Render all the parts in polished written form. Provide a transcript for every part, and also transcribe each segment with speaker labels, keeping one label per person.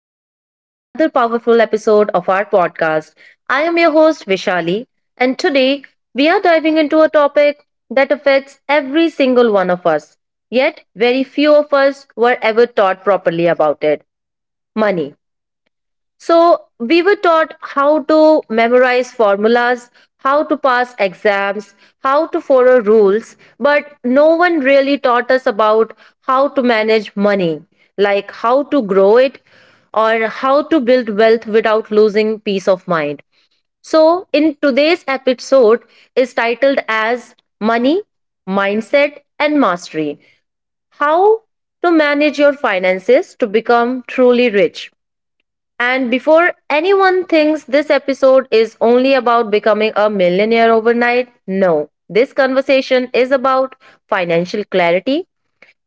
Speaker 1: welcome back to another powerful episode of our podcast. I am your host, Vishali, and today we are diving into a topic that affects every single one of us, yet, very few of us were ever taught properly about it: money. So we were taught how to memorize formulas, how to pass exams, how to follow rules, but no one really taught us about how to manage money, like how to grow it or how to build wealth without losing peace of mind. So in today's episode is titled as Money, Mindset and Mastery. How to manage your finances to become truly rich. And before anyone thinks this episode is only about becoming a millionaire overnight, no. This conversation is about financial clarity,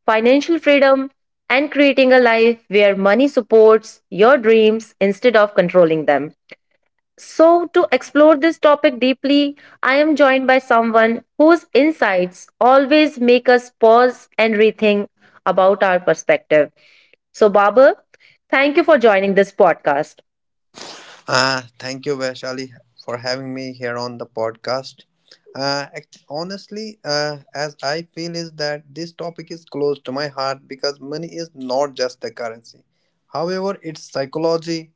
Speaker 1: financial freedom, and creating a life where money supports your dreams instead of controlling them. So, to explore this topic deeply, I am joined by someone whose insights always make us pause and rethink about our perspective. So, Baba, thank you for joining this podcast.
Speaker 2: Thank you, Vaishali, for having me here on the podcast. Honestly, as I feel is that this topic is close to my heart because money is not just a currency. However, its psychology,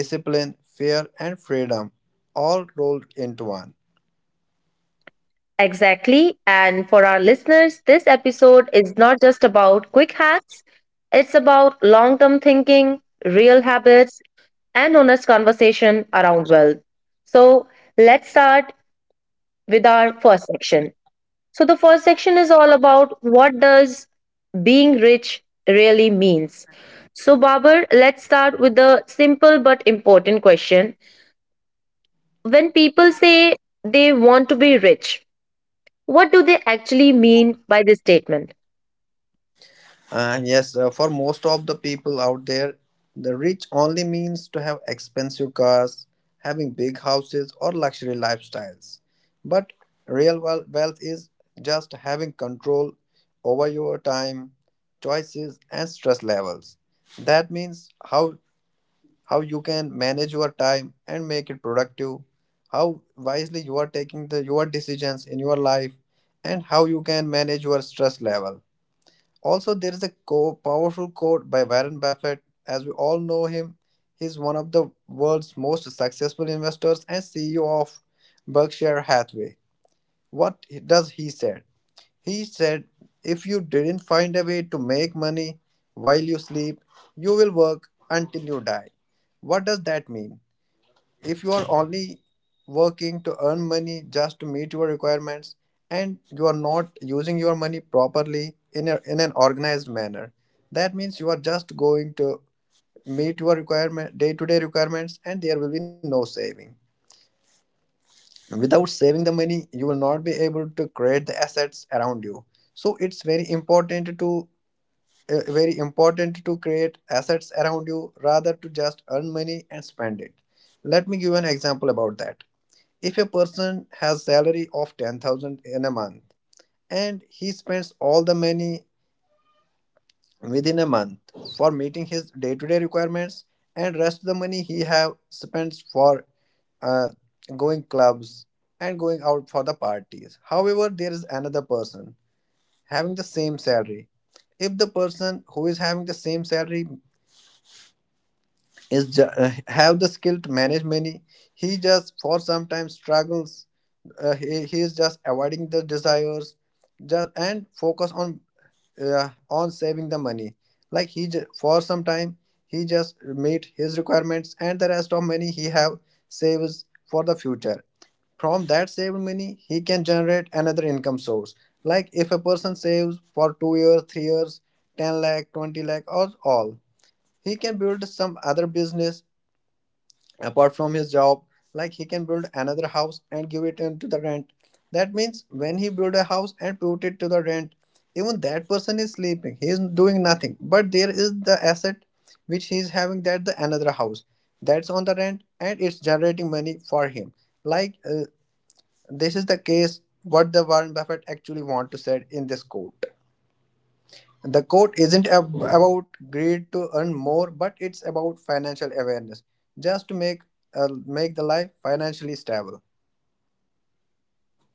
Speaker 2: discipline, fear, and freedom all rolled into one.
Speaker 1: Exactly. And for our listeners, this episode is not just about quick hacks, it's about long term thinking, real habits, and honest conversation around wealth. So let's start with our first section. So, the first section is all about what does being rich really means. So, Babar, let's start with the simple but important question. When people say they want to be rich, what do they actually mean by this statement?
Speaker 2: Yes, for most of the people out there, the rich only means to have expensive cars, having big houses, or luxury lifestyles. But real wealth is just having control over your time, choices, and stress levels. That means how you can manage your time and make it productive, how wisely you are taking the your decisions in your life, and how you can manage your stress level. Also, there is a powerful quote by Warren Buffett. As we all know him, he's one of the world's most successful investors and CEO of Berkshire Hathaway. What does he say? He said, "If you didn't find a way to make money while you sleep, you will work until you die." What does that mean? If you are only working to earn money just to meet your requirements and you are not using your money properly in, a, in an organized manner, that means you are just going to meet your requirement day-to-day requirements, and there will be no saving. Without saving the money, you will not be able to create the assets around you. So it's very important to create assets around you rather to just earn money and spend it. Let me give an example about that. If a person has salary of 10,000 in a month and he spends all the money within a month for meeting his day-to-day requirements, and rest the money he have spends for uh, going clubs and going out for the parties. However, there is another person having the same salary. If the person who is having the same salary is have the skill to manage money. He just for sometimes struggles. He is just avoiding the desires, just and focus on saving the money. Like he for some time he just meet his requirements and the rest of money he have saves for the future. From that saved money, he can generate another income source. Like if a person saves for 2 years, 3 years, 10 lakh, 20 lakh, or all, he can build some other business apart from his job. Like he can build another house and give it into the rent. That means when he build a house and put it to the rent, even that person is sleeping, he is doing nothing, but there is the asset which he is having, that the another house, that's on the rent and it's generating money for him. Like, this is the case what the Warren Buffett actually want to say in this quote. The quote isn't about greed to earn more, but it's about financial awareness, just to make the life financially stable.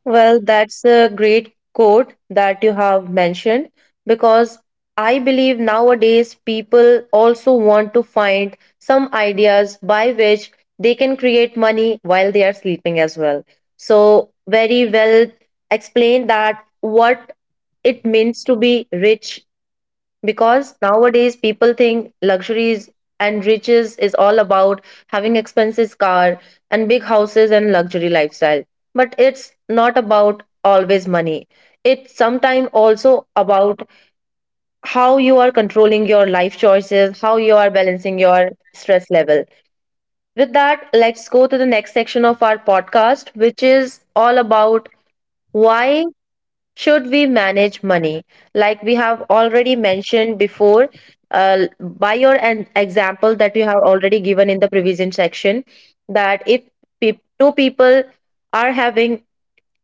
Speaker 1: Well, that's a great quote that you have mentioned, because I believe nowadays people also want to find some ideas by which they can create money while they are sleeping as well. So, very well explained that what it means to be rich, because nowadays people think luxuries and riches is all about having expensive car and big houses and luxury lifestyle, but it's not about always money. It's sometimes also about how you are controlling your life choices, how you are balancing your stress level. With that, let's go to the next section of our podcast, which is all about why should we manage money? Like we have already mentioned before, by your an example that you have already given in the prevision section, that if two people are having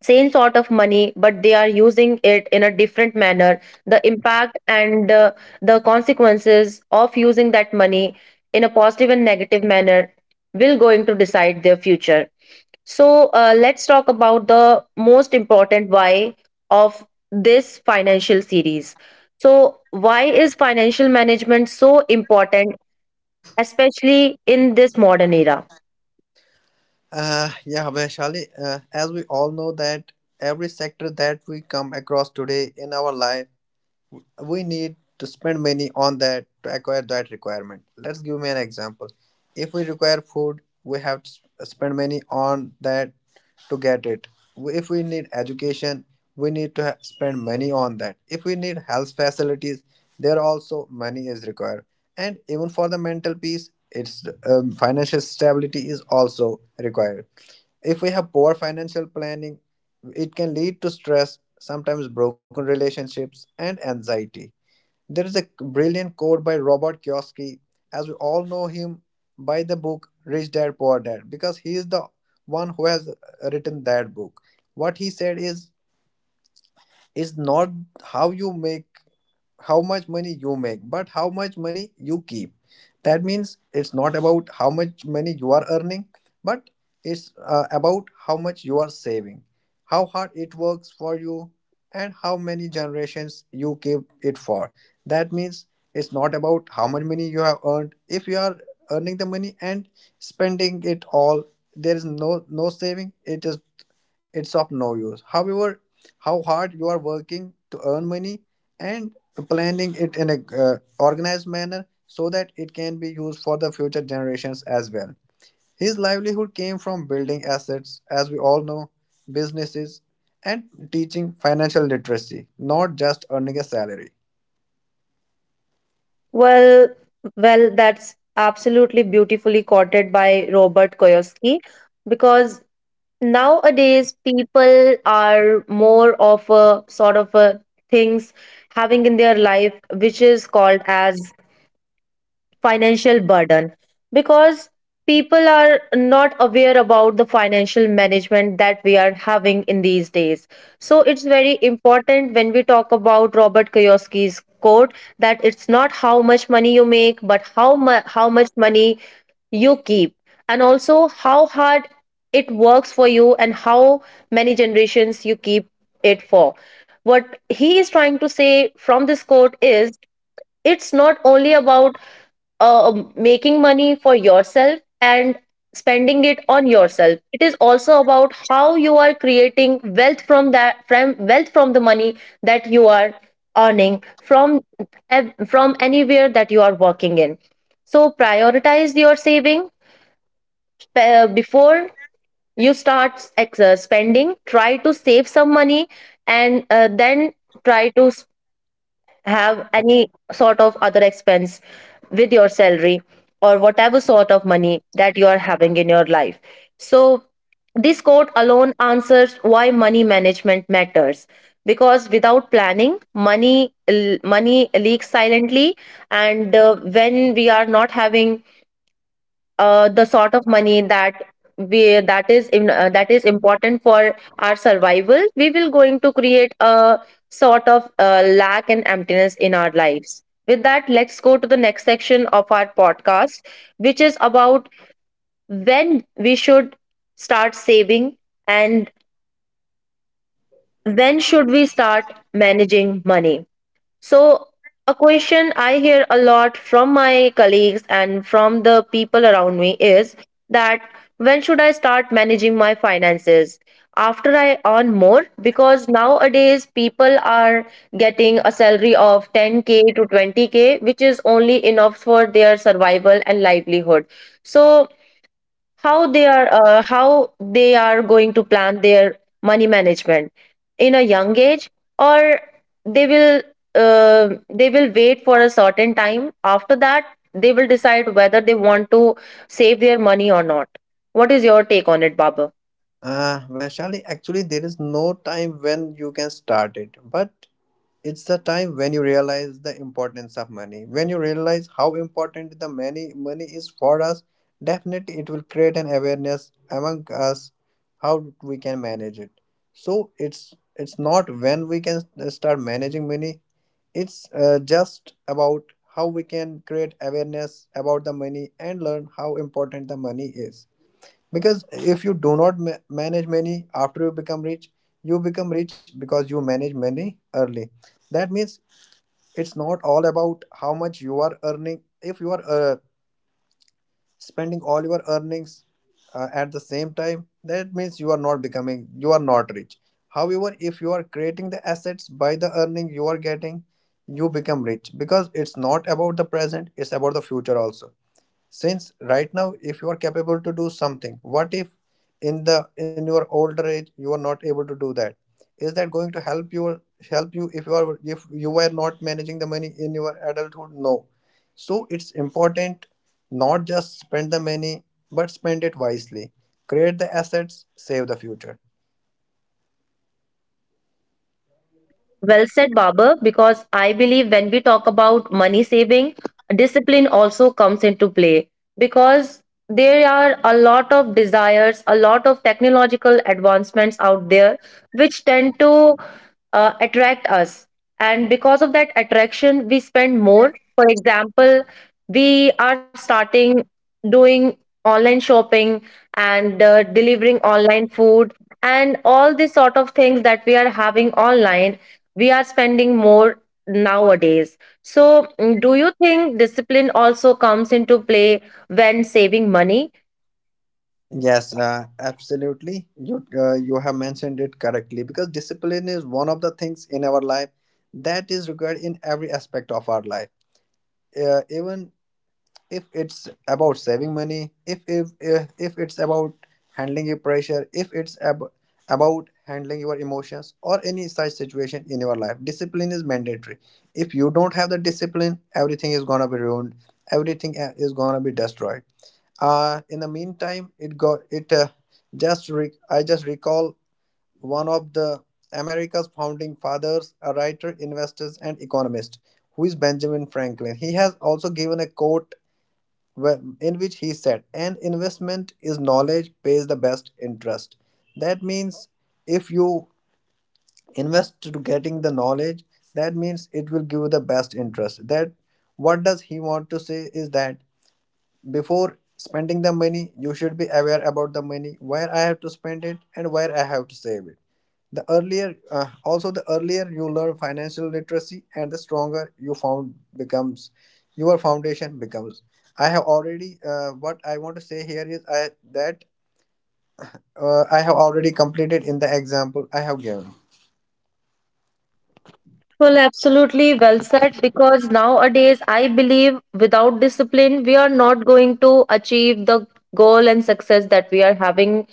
Speaker 1: same sort of money but they are using it in a different manner, the impact and the consequences of using that money in a positive and negative manner will going to decide their future. So let's talk about the most important why of this financial series. So, why is financial management so important, especially in this modern era?
Speaker 2: Yeah, Vaishali, as we all know that every sector that we come across today in our life we need to spend money on that to acquire that requirement. Let's give me an example. If we require food, we have to spend money on that to get it. If we need education, we need to spend money on that. If we need health facilities, there also money is required. And even for the mental peace, its financial stability is also required. If we have poor financial planning, it can lead to stress, sometimes broken relationships, and anxiety. There is a brilliant quote by Robert Kiyosaki, as we all know him by the book Rich Dad Poor Dad, because he is the one who has written that book. What he said is not how you make how much money you make but how much money you keep. That means it's not about how much money you are earning, but it's about how much you are saving, how hard it works for you, and how many generations you keep it for. That means it's not about how much money you have earned. If you are earning the money and spending it all, there is no saving. It is, it's of no use. However, how hard you are working to earn money and planning it in a organized manner so that it can be used for the future generations as well. His livelihood came from building assets, as we all know, businesses, and teaching financial literacy, not just earning a salary.
Speaker 1: Well, well, that's absolutely beautifully quoted by Robert Kiyosaki, because nowadays people are more of a sort of a things having in their life which is called as financial burden, because people are not aware about the financial management that we are having in these days. So it's very important when we talk about Robert Kiyosaki's quote, that it's not how much money you make but how much money you keep, and also how hard it works for you and how many generations you keep it for. What he is trying to say from this quote is, it's not only about making money for yourself and spending it on yourself. It is also about how you are creating wealth from that, from wealth from the money that you are earning from, from anywhere that you are working in. So prioritize your saving before you start spending. Try to save some money and then try to have any sort of other expense with your salary or whatever sort of money that you are having in your life. So, this quote alone answers why money management matters, because without planning, money leaks silently. And when we are not having the sort of money that we, that is in, that is important for our survival, we will going to create a sort of lack and emptiness in our lives. With that, let's go to the next section of our podcast, which is about when we should start saving and when should we start managing money. So, a question I hear a lot from my colleagues and from the people around me is that, when should I start managing my finances? After I earn more? Because nowadays people are getting a salary of 10K to 20K, which is only enough for their survival and livelihood. So, how they are, going to plan their money management in a young age, or they will, wait for a certain time, after that they will decide whether they want to save their money or not. What is your take on it, Baba?
Speaker 2: Vaishali, actually, there is no time when you can start it, but it's the time when you realize the importance of money. When you realize how important the money is for us, definitely it will create an awareness among us how we can manage it. So it's not when we can start managing money. It's just about how we can create awareness about the money and learn how important the money is. Because if you do not manage money after you become rich because you manage money early. That means it's not all about how much you are earning. If you are spending all your earnings at the same time, that means you are not becoming, you are not rich. However, if you are creating the assets by the earning you are getting, you become rich because it's not about the present, it's about the future also. Since right now if you are capable to do something, what if in your older age you are not able to do that, is that going to help you if you are, if you were not managing the money in your adulthood? No. So it's important not just spend the money but spend it wisely, create the assets, save the future.
Speaker 1: Well said, Babar, because I believe when we talk about money saving, discipline also comes into play, because there are a lot of desires, a lot of technological advancements out there which tend to attract us. And because of that attraction, we spend more. For example, we are starting doing online shopping and delivering online food, and all these sort of things that we are having online, we are spending more nowadays. So, do you think discipline also comes into play when saving money?
Speaker 2: Yes, absolutely. You have mentioned it correctly because discipline is one of the things in our life that is required in every aspect of our life. Even if it's about saving money, if it's about handling your pressure, if it's about handling your emotions or any such situation in your life, discipline is mandatory. If you don't have the discipline, everything is gonna be ruined, everything is gonna be destroyed. In the meantime, it got it. I just recall one of the America's founding fathers, a writer, investor, and economist, who is Benjamin Franklin. He has also given a quote in which he said, "An investment is knowledge pays the best interest." That means if you invest to getting the knowledge, that means it will give you the best interest. That what does he want to say is that before spending the money you should be aware about the money where I have to spend it and where I have to save it. The earlier, also the earlier you learn financial literacy, and the stronger your foundation becomes. I have already What I want to say here is that I have already completed in the example I have given.
Speaker 1: Well, absolutely well said. Because nowadays, I believe without discipline, we are not going to achieve the goal and success that we are having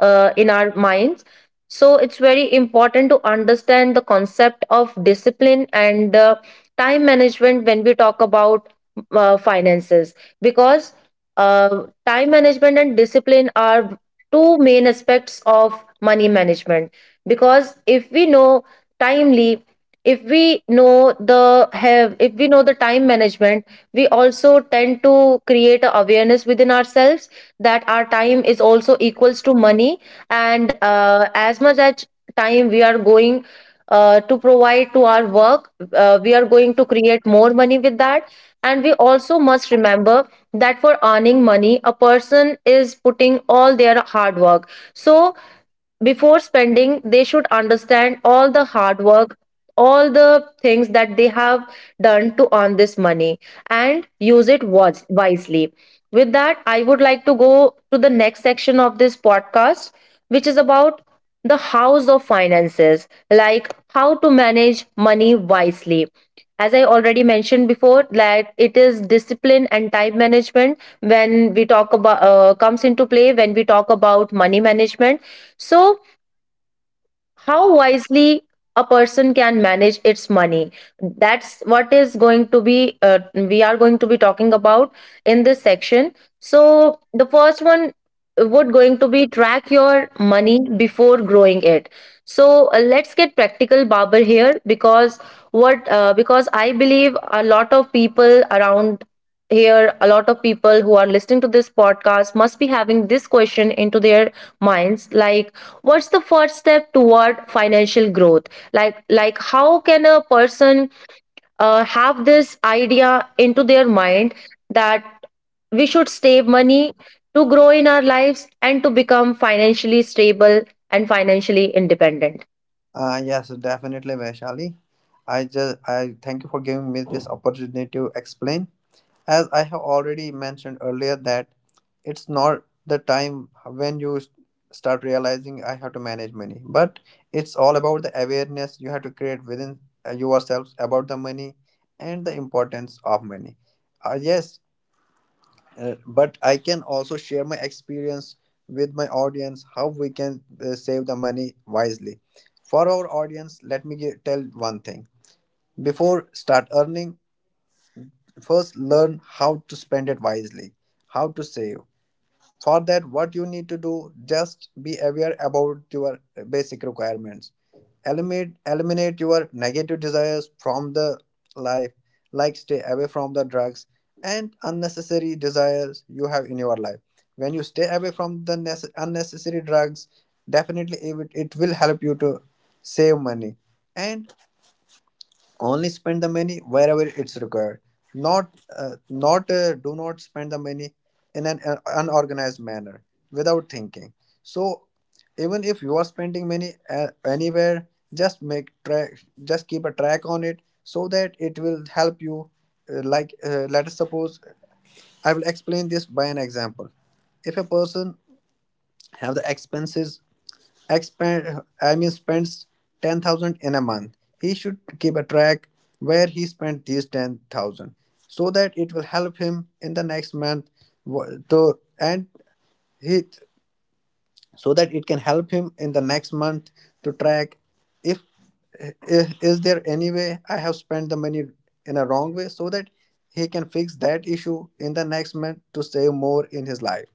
Speaker 1: in our minds. So, it's very important to understand the concept of discipline and time management when we talk about finances. Because time management and discipline are two main aspects of money management. Because if we know timely, if we know the have if we know the time management, we also tend to create a awareness within ourselves that our time is also equals to money. And as much as time we are going to provide to our work, we are going to create more money with that. And we also must remember that for earning money, a person is putting all their hard work. So before spending, they should understand all the hard work, all the things that they have done to earn this money, and use it wisely. With that, I would like to go to the next section of this podcast, which is about the house of finances, like how to manage money wisely. As I already mentioned before, that it is discipline and time management, when we talk about comes into play when we talk about money management. So how wisely a person can manage its money, that's what is going to be, we are going to be talking about in this section. So the first one would going to be track your money before growing it. So let's get practical, Babar, here, because what because I believe a lot of people around here, a lot of people who are listening to this podcast, must be having this question into their minds, like, what's the first step toward financial growth? Like how can a person have this idea into their mind, that we should save money to grow in our lives and to become financially stable and financially independent?
Speaker 2: Yes, definitely, Vaishali. I thank you for giving me this opportunity to explain. As I have already mentioned earlier, that it's not the time when you start realizing I have to manage money, but it's all about the awareness you have to create within yourselves about the money and the importance of money. Yes. But I can also share my experience with my audience how we can save the money wisely for our audience. Let me tell one thing. Before start earning, first, learn how to spend it wisely, how to save. For that, what you need to do, just be aware about your basic requirements. Eliminate your negative desires from the life, like stay away from the drugs and unnecessary desires you have in your life. When you stay away from the unnecessary drugs, definitely it will help you to save money. And only spend the money wherever it's required, not not do not spend the money in an unorganized manner without thinking. So even if you are spending money anywhere, just make track just keep a track on it so that it will help you like let us suppose I will explain this by an example. If a person have the expenses expend, I mean, spends 10,000 in a month, he should keep a track where he spent these 10,000, so that it will help him in the next month. Wh- To and he So that it can help him in the next month to track if I- is there any way I have spent the money in a wrong way, so that he can fix that issue in the next month to save more in his life.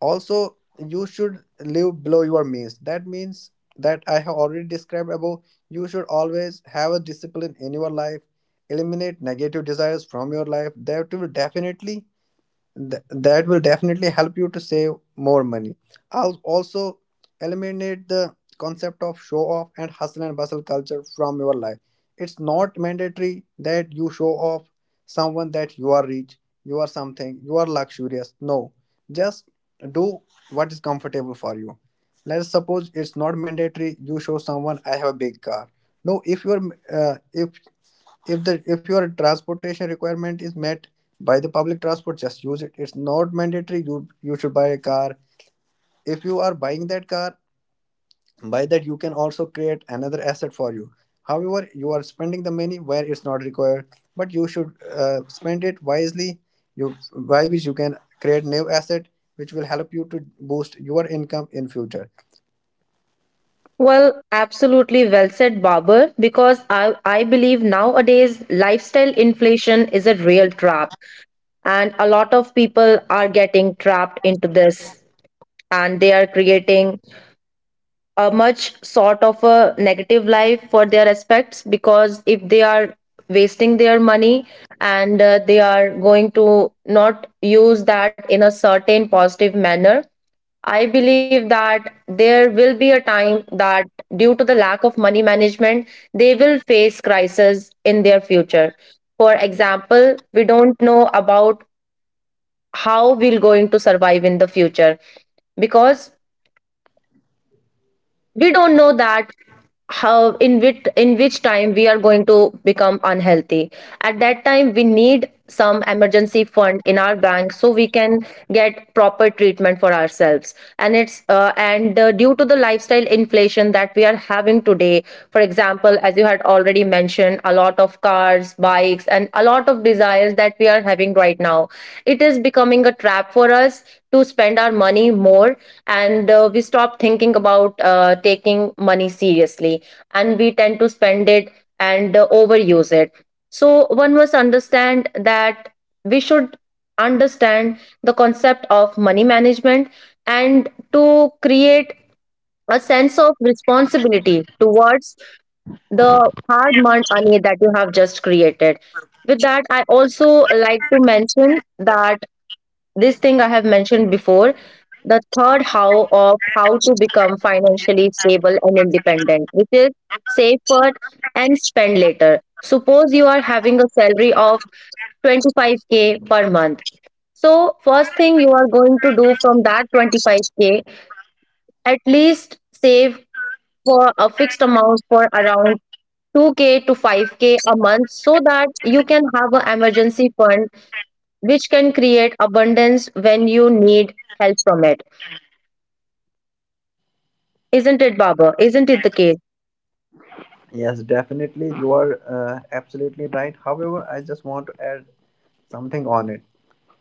Speaker 2: Also, you should live below your means. That means that I have already described above. You should always have a discipline in your life. Eliminate negative desires from your life. That will definitely help you to save more money. I'll also eliminate the concept of show off and hustle and bustle culture from your life. It's not mandatory that you show off someone that you are rich, you are something, you are luxurious. No, just do what is comfortable for you. Let's suppose it's not mandatory you show someone I have a big car. No, if you're uh, if if the if your transportation requirement is met by the public transport, just use it. It's not mandatory you should buy a car. If you are buying that car, by that you can also create another asset for you. However, you are spending the money where it's not required, but you should spend it wisely, you by which you can create new asset which will help you to boost your income in future.
Speaker 1: Well, absolutely well said, Barber, because I believe nowadays lifestyle inflation is a real trap, and a lot of people are getting trapped into this, and they are creating a much sort of a negative life for their aspects, because if they are wasting their money and they are going to not use that in a certain positive manner, I believe that there will be a time that due to the lack of money management they will face crisis in their future. For example, we don't know about how we're going to survive in the future, because we don't know that how, in which time we are going to become unhealthy. At that time we need some emergency fund in our bank so we can get proper treatment for ourselves. And due to the lifestyle inflation that we are having today, for example as you had already mentioned, a lot of cars, bikes and a lot of desires that we are having right now, it is becoming a trap for us to spend our money more. And we stop thinking about taking money seriously, and we tend to spend it and overuse it. So one must understand that we should understand the concept of money management and to create a sense of responsibility towards the hard earned money that you have just created. With that, I also like to mention that this thing I have mentioned before, the third how of how to become financially stable and independent, which is save first and spend later. Suppose you are having a salary of 25K per month. So, first thing you are going to do from that 25k, at least save for a fixed amount for around 2k to 5k a month so that you can have an emergency fund which can create abundance when you need help from it. Isn't it, Babar? Isn't it the case?
Speaker 2: Yes, definitely. You are absolutely right. However, I just want to add something on it.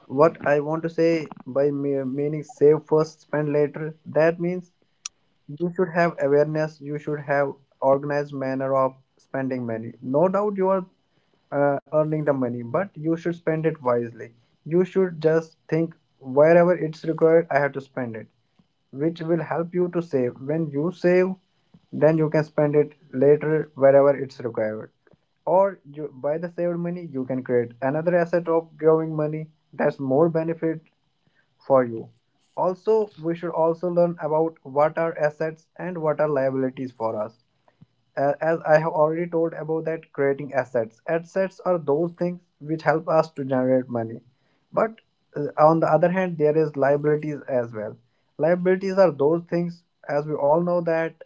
Speaker 2: What I want to say by meaning save first, spend later, that means you should have awareness, you should have organized manner of spending money. No doubt you are earning the money, but you should spend it wisely. You should just think wherever it's required, I have to spend it, which will help you to save. When you save, then you can spend it later wherever it's required. Or you, by the saved money, you can create another asset of growing money that's more benefit for you. Also, we should also learn about what are assets and what are liabilities for us. As I have already told about that creating assets. Assets are those things which help us to generate money. But on the other hand, there is liabilities as well. Liabilities are those things, as we all know, that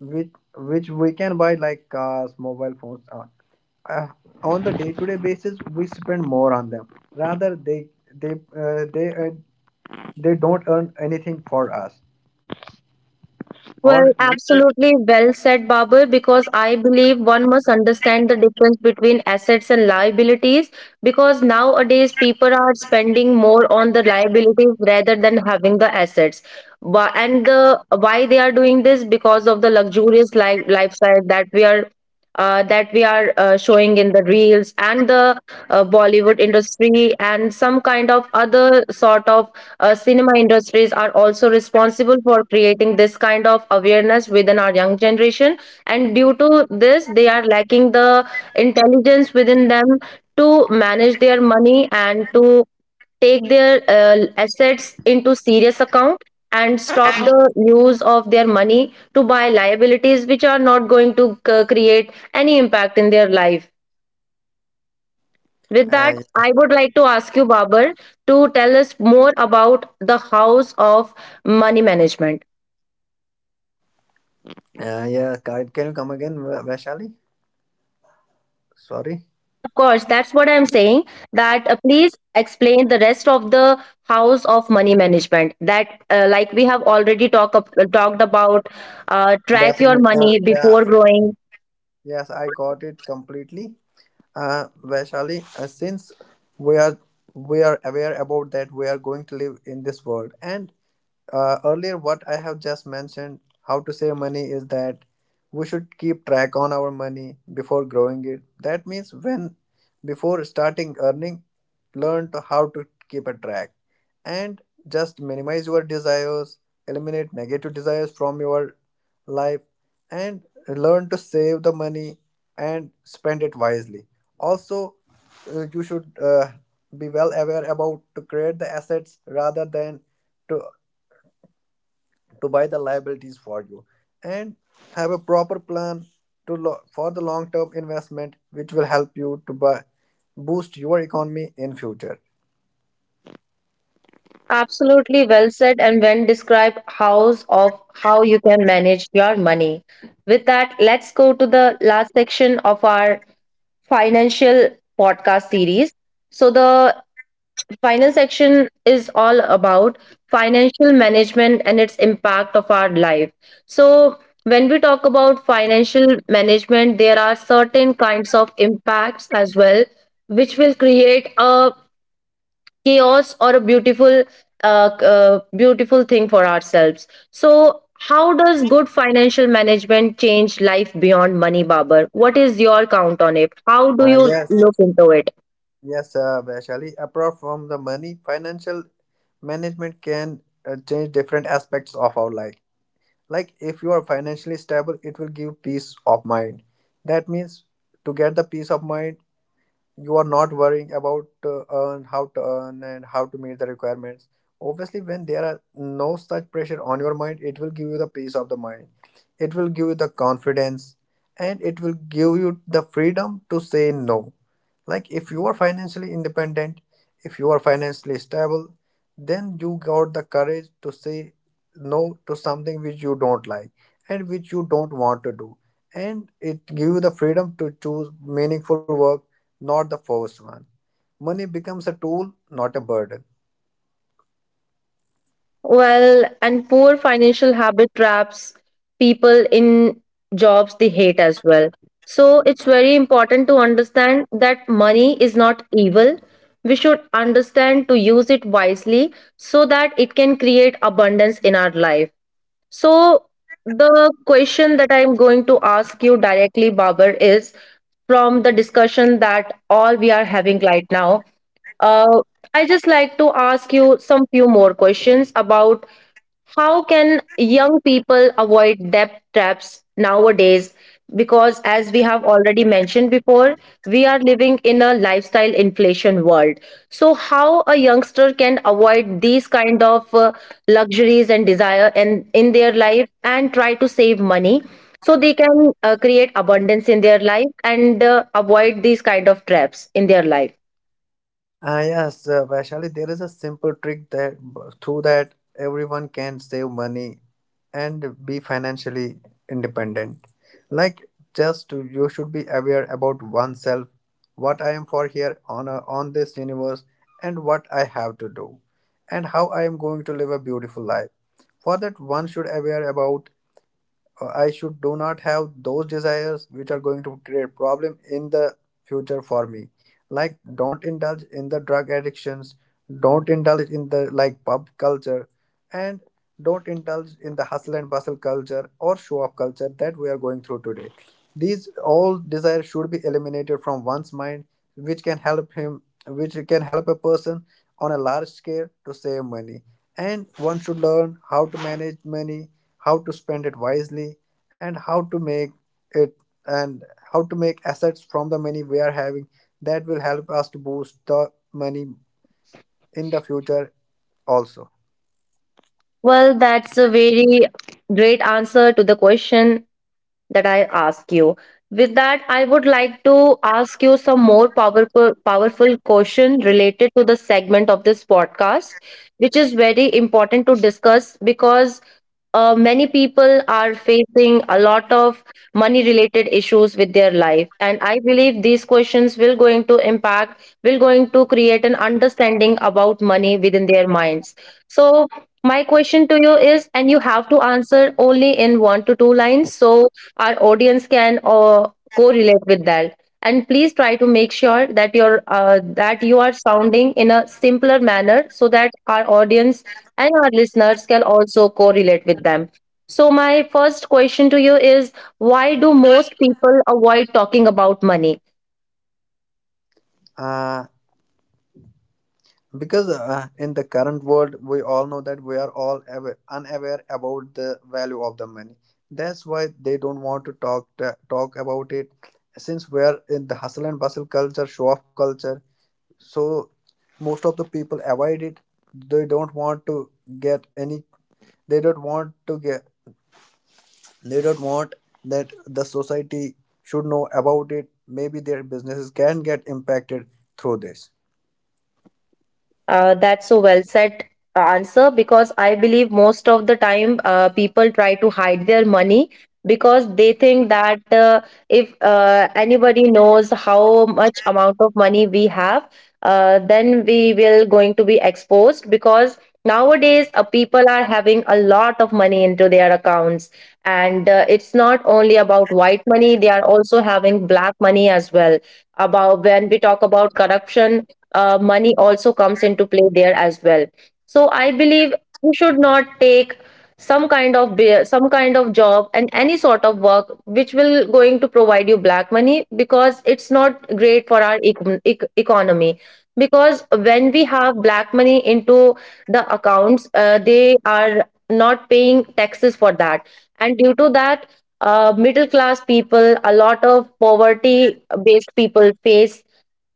Speaker 2: which which we can buy like cars, mobile phones. Uh, on the day-to-day basis, we spend more on them. Rather, they they uh, they uh, they don't earn anything for us. Or
Speaker 1: Well,
Speaker 2: we,
Speaker 1: absolutely well said, Babar, because I believe one must understand
Speaker 2: uh,
Speaker 1: the difference between assets and liabilities, because nowadays people are spending more on the liabilities rather than having the assets. Wh- And the why they are doing this, because of the luxurious life lifestyle that we are showing in the reels and the Bollywood industry, and some kind of other sort of cinema industries are also responsible for creating this kind of awareness within our young generation, and due to this they are lacking the intelligence within them to manage their money, and to take their assets into serious account, and stop the use of their money to buy liabilities which are not going to create any impact in their life. With that,
Speaker 2: yeah.
Speaker 1: I would like to ask you, Babar, to tell us more about the house of money management.
Speaker 2: Yeah. Can you come again, Vaishali? Sorry.
Speaker 1: Yes, of course, that's what I'm saying. That, please explain the rest of the house of money management. That, like we have already talked about, track your
Speaker 2: Definitely.
Speaker 1: money
Speaker 2: Yeah.
Speaker 1: before growing.
Speaker 2: Yes, I got it completely. Vaishali, since we are we are aware about that we are going to live in this world, and earlier what I have just mentioned how to save money is that we should keep track on our money before growing it. That means, when before starting earning, learn to how to keep a track, and just minimize your desires, eliminate negative desires from your life, and learn to save the money and spend it wisely. Also, you should be well aware about to create the assets rather than to to buy the liabilities for you, and have a proper plan to for the long term investment which will help you to buy boost your economy in future.
Speaker 1: Absolutely well said. And when describe hows of how you can manage your money. With that, let's go to the last section of our financial podcast series. So the final section is all about financial management and its impact of our life. So when we talk about financial management, there are certain kinds of impacts as well, which will create a chaos or a beautiful thing for ourselves. So how does good financial management change life beyond money, Babar? What is your count on it? How do
Speaker 2: uh,
Speaker 1: you
Speaker 2: yes
Speaker 1: look into it?
Speaker 2: yes, Vaishali, apart from the money, financial management can change different aspects of our life. Like, if you are financially stable, it will give peace of mind. That means to get the peace of mind, you are not worrying about to earn, how to earn and how to meet the requirements. Obviously, when there are no such pressure on your mind, it will give you the peace of the mind. It will give you the confidence, and it will give you the freedom to say no. Like, if you are financially independent, if you are financially stable, then you got the courage to say no to something which you don't like and which you don't want to do. And it give you the freedom to choose meaningful work, not the forced one. Money becomes a tool, not a burden.
Speaker 1: Well, and poor financial habit traps people in jobs they hate as well. So it's very important to understand that money is not evil. We should understand to use it wisely so that it can create abundance in our life. So, the question that I'm going to ask you directly, Babar, is from the discussion that all we are having right now. Uh, I just like to ask you some few more questions about how can young people avoid debt traps nowadays? Because, as we have already mentioned before, we are living in a lifestyle inflation world. So, how a youngster can avoid these kind of luxuries and desire and in their life, and try to save money so they can create abundance in their life, and avoid these kind of traps in their life?
Speaker 2: Ah, yes, Vaishali, there is a simple trick that through that everyone can save money and be financially independent. Like, just you should be aware about oneself, what I am for here on a, on this universe, and what I have to do, and how I am going to live a beautiful life. For that, one should aware about I should do not have those desires which are going to create problem in the future for me. Like, don't indulge in the drug addictions, don't indulge in the like pub culture, and don't indulge in the hustle and bustle culture or show off culture that we are going through today. These all desires should be eliminated from one's mind, which can help him, which can help a person on a large scale to save money. And one should learn how to manage money, how to spend it wisely, and how to make it, and how to make assets from the money we are having, that will help us to boost the money in the future also.
Speaker 1: Well, that's a very great answer to the question that I ask you. With that, I would like to ask you some more powerful, powerful question related to the segment of this podcast, which is very important to discuss because many people are facing a lot of money related issues with their life, and I believe these questions will going to impact, will going to create an understanding about money within their minds. So my question to you is, and you have to answer only in one to two lines, so our audience can correlate with that, and please try to make sure that your that you are sounding in a simpler manner so that our audience and our listeners can also correlate with them. So, my first question to you is, why do most people avoid talking about money?
Speaker 2: Uh, because in the current world, we all know that we are all aware, unaware about the value of the money. That's why they don't want to, talk about it. Since we are in the hustle and bustle culture, show off culture, so most of the people avoid it. They don't want to get any, they don't want to get, they don't want that the society should know about it. Maybe their businesses can get impacted through this.
Speaker 1: That's a well set answer, because I believe most of the time people try to hide their money because they think that if anybody knows how much amount of money we have, then we will going to be exposed, because nowadays people are having a lot of money into their accounts, and it's not only about white money, they are also having black money as well. About when we talk about corruption, money also comes into play there as well. So I believe you should not take some kind of job and any sort of work which will going to provide you black money, because it's not great for our economy. Because when we have black money into the accounts, they are not paying taxes for that, and due to that, middle class people, a lot of poverty based people face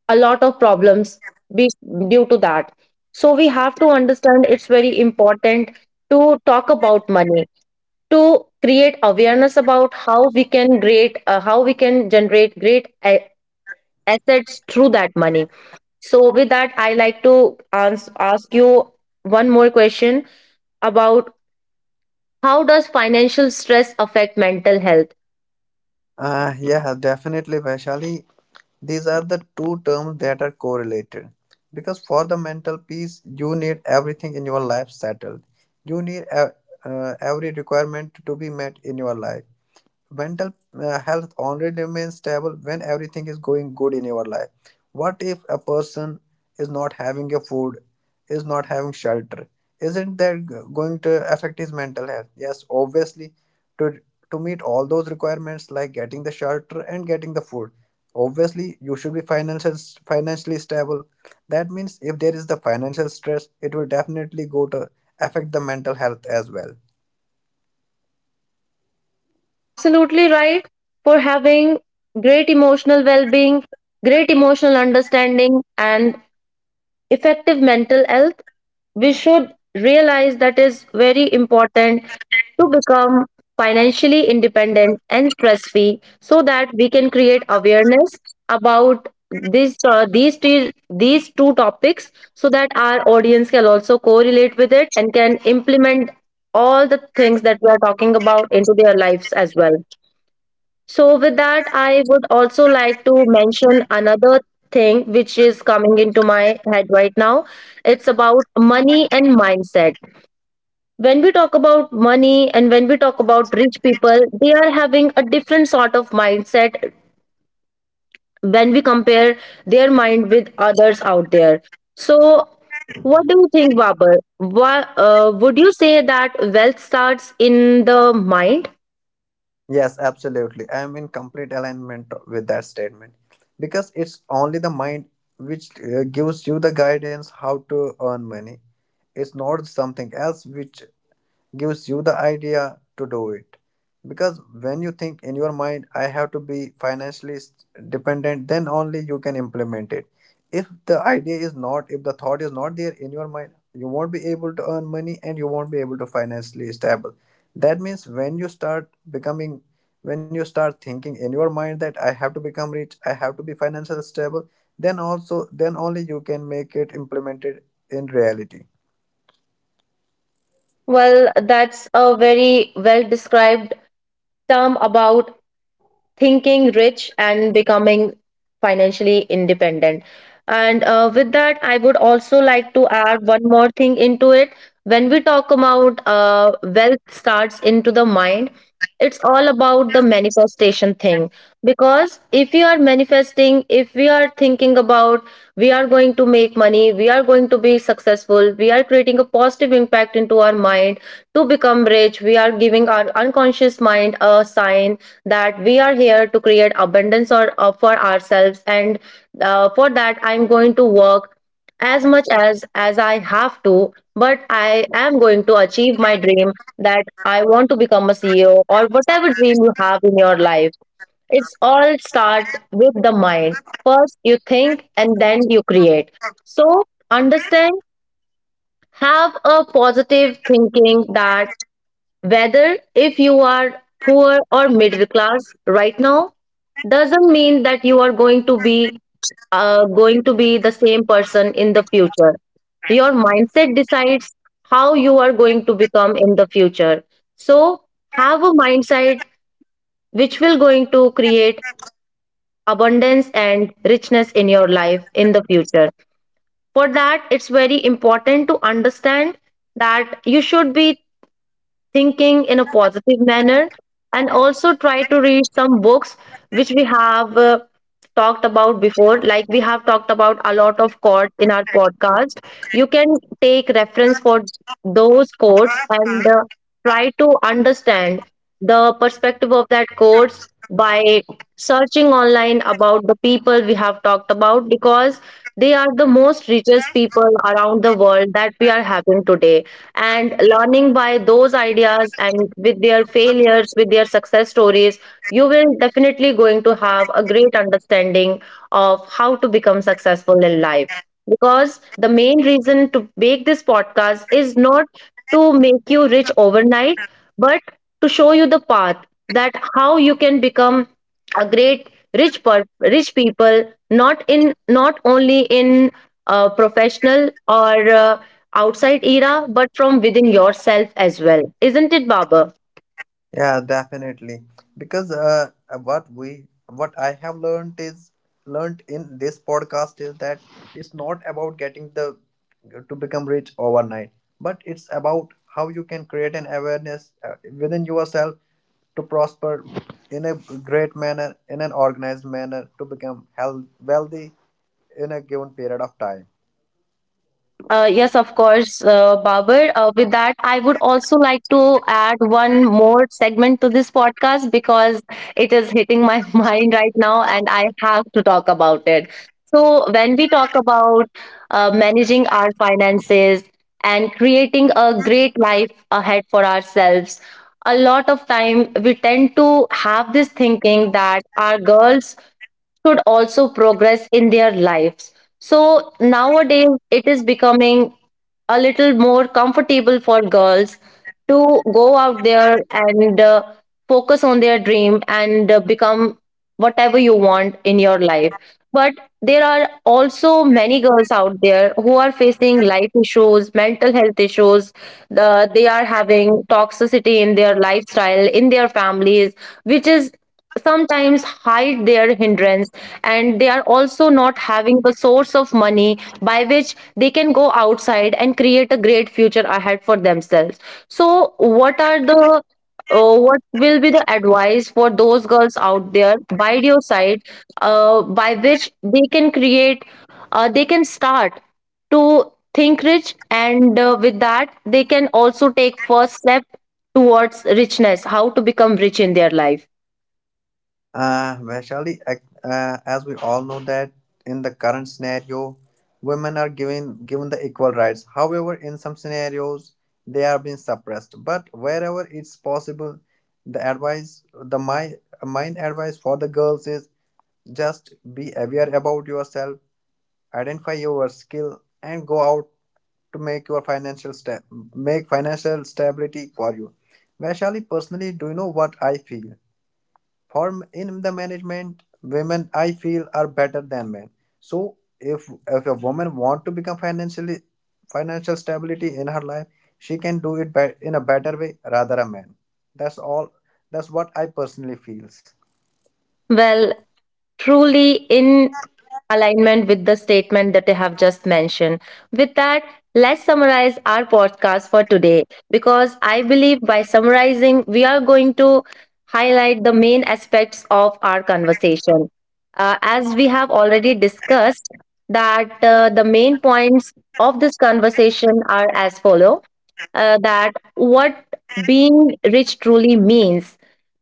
Speaker 1: a lot of problems be due to that. So we have to understand, it's very important to talk about money, to create awareness about how we can create how we can generate great assets through that money. So with that, I like to ask you one more question about, how does financial stress affect mental health?
Speaker 2: Yeah, definitely, Vaishali. These are the two terms that are correlated, because for the mental peace you need everything in your life settled. You need every requirement to be met in your life. Mental health only remains stable when everything is going good in your life. What if a person is not having a food, is not having shelter? Isn't that going to affect his mental health? Yes, obviously. to to meet all those requirements like getting the shelter and getting the food, obviously you should be financially stable. That means if there is the financial stress, it will definitely go to affect the mental health as well.
Speaker 1: Absolutely right. For having great emotional well-being, great emotional understanding and effective mental health, we should realize that is very important to become financially independent and stress free, so that we can create awareness about this these these two topics, so that our audience can also correlate with it and can implement all the things that we are talking about into their lives as well. So, with that, I would also like to mention another thing which is coming into my head right now. It's about money and mindset. When we talk about money and when we talk about rich people, they are having a different sort of mindset when we compare their mind with others out there. So, what do you think, Babar? Why, would you say that wealth starts in the mind?
Speaker 2: Yes, absolutely. I am in complete alignment with that statement, because it's only the mind which gives you the guidance how to earn money. It's not something else which gives you the idea to do it. Because when you think in your mind I have to be financially dependent, then only you can implement it. If the idea is not, if the thought is not there in your mind, you won't be able to earn money and you won't be able to financially stable. That means when you start becoming, when you start thinking in your mind that I have to become rich, I have to be financially stable, then also, then only you can make it implemented in reality.
Speaker 1: Well, that's a very well described term about thinking rich and becoming financially independent. And with that, I would also like to add one more thing into it. When we talk about wealth starts into the mind, it's all about the manifestation thing. Because if we are manifesting, if we are thinking about we are going to make money, we are going to be successful, we are creating a positive impact into our mind to become rich, we are giving our unconscious mind a sign that we are here to create abundance or, for ourselves, and for that I'm going to work as much as I have to, but I am going to achieve my dream, that I want to become a CEO or whatever dream you have in your life. It's all start with the mind. First you think and then you create. So understand, have a positive thinking that whether if you are poor or middle class right now, doesn't mean that you are going to be the same person in the future. Your mindset decides how you are going to become in the future. So have a mindset which will going to create abundance and richness in your life in the future. For that, it's very important to understand that you should be thinking in a positive manner, and also try to read some books which we have talked about before. Like we have talked about a lot of quotes in our podcast. You can take reference for those quotes, and try to understand the perspective of that quotes by searching online about the people we have talked about, because they are the most richest people around the world that we are having today. And learning by those ideas, and with their failures, with their success stories, you will definitely going to have a great understanding of how to become successful in life. Because the main reason to make this podcast is not to make you rich overnight, but to show you the path, that how you can become a great rich people, not in, not only in professional or outside era, but from within yourself as well. Isn't it, Babar?
Speaker 2: Yeah, definitely. Because what we what I have learned is learned in this podcast is that it's not about getting the to become rich overnight, but it's about how you can create an awareness within yourself to prosper in a great manner, in an organized manner, to become health, wealthy in a given period of time.
Speaker 1: Yes, of course, Babar. With that, I would also like to add one more segment to this podcast, because it is hitting my mind right now and I have to talk about it. So, when we talk about managing our finances and creating a great life ahead for ourselves, a lot of time we tend to have this thinking that our girls should also progress in their lives. So nowadays, it is becoming a little more comfortable for girls to go out there and focus on their dream, and become whatever you want in your life. But there are also many girls out there who are facing life issues, mental health issues. They are having toxicity in their lifestyle, in their families, which is sometimes hide their hindrance, and they are also not having the source of money by which they can go outside and create a great future ahead for themselves. So what are the what will be the advice for those girls out there by your side, by which they can create they can start to think rich, and with that they can also take first step towards richness, how to become rich in their life?
Speaker 2: Vaishali, as we all know that in the current scenario, women are given the equal rights. However, in some scenarios, they are being suppressed. But wherever it's possible, the advice, the my mine advice for the girls is just be aware about yourself, identify your skill, and go out to make your financial step, make financial stability for you. Vaishali, personally, do you know what I feel? For in the management, women I feel are better than men. So if if a woman want to become financial stability in her life, she can do it by in a better way rather a man. That's all. That's what I personally feels.
Speaker 1: Well, truly in alignment with the statement that I have just mentioned. With that, let's summarize our podcast for today, because I believe by summarizing, we are going to highlight the main aspects of our conversation. As we have already discussed, that the main points of this conversation are as follow, that what being rich truly means.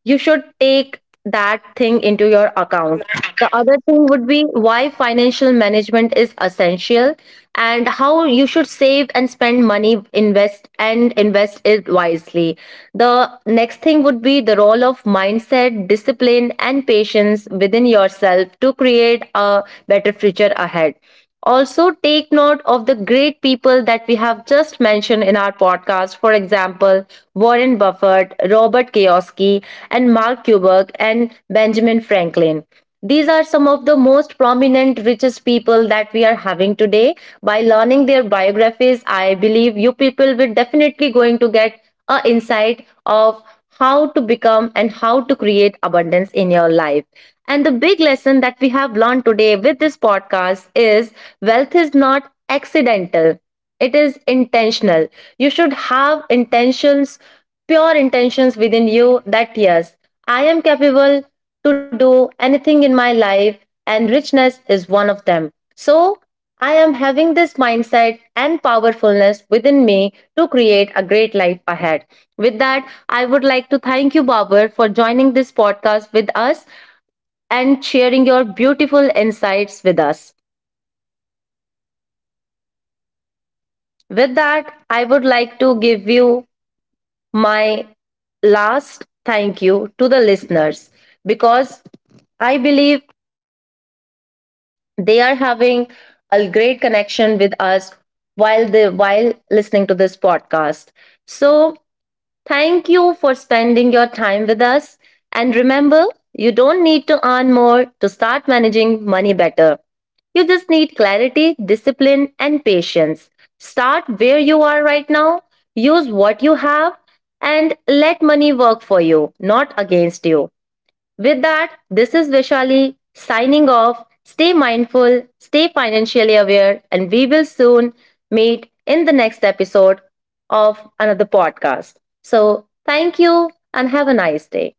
Speaker 1: You should take that thing into your account. The other thing would be why financial management is essential, and how you should save and spend money, invest and invest it wisely. The next thing would be the role of mindset, discipline, and patience within yourself to create a better future ahead. Also, take note of the great people that we have just mentioned in our podcast. For example, Warren Buffett, Robert Kiyosaki, and Mark Kubrick and Benjamin Franklin. These are some of the most prominent, richest people that we are having today. By learning their biographies, I believe you people will definitely going to get a insight of how to become and how to create abundance in your life. And the big lesson that we have learned today with this podcast is, wealth is not accidental. It is intentional. You should have intentions, pure intentions within you, that yes, I am capable to do anything in my life, and richness is one of them. So I am having this mindset and powerfulness within me to create a great life ahead. With that, I would like to thank you, Babar, for joining this podcast with us and sharing your beautiful insights with us. With that, I would like to give you my last thank you to the listeners, because I believe they are having a great connection with us while they while listening to this podcast. So thank you for spending your time with us. And remember, you don't need to earn more to start managing money better. You just need clarity, discipline, and patience. Start where you are right now, use what you have, and let money work for you, not against you. With that, this is Vishali signing off. Stay mindful, stay financially aware, and we will soon meet in the next episode of another podcast. So, thank you and have a nice day.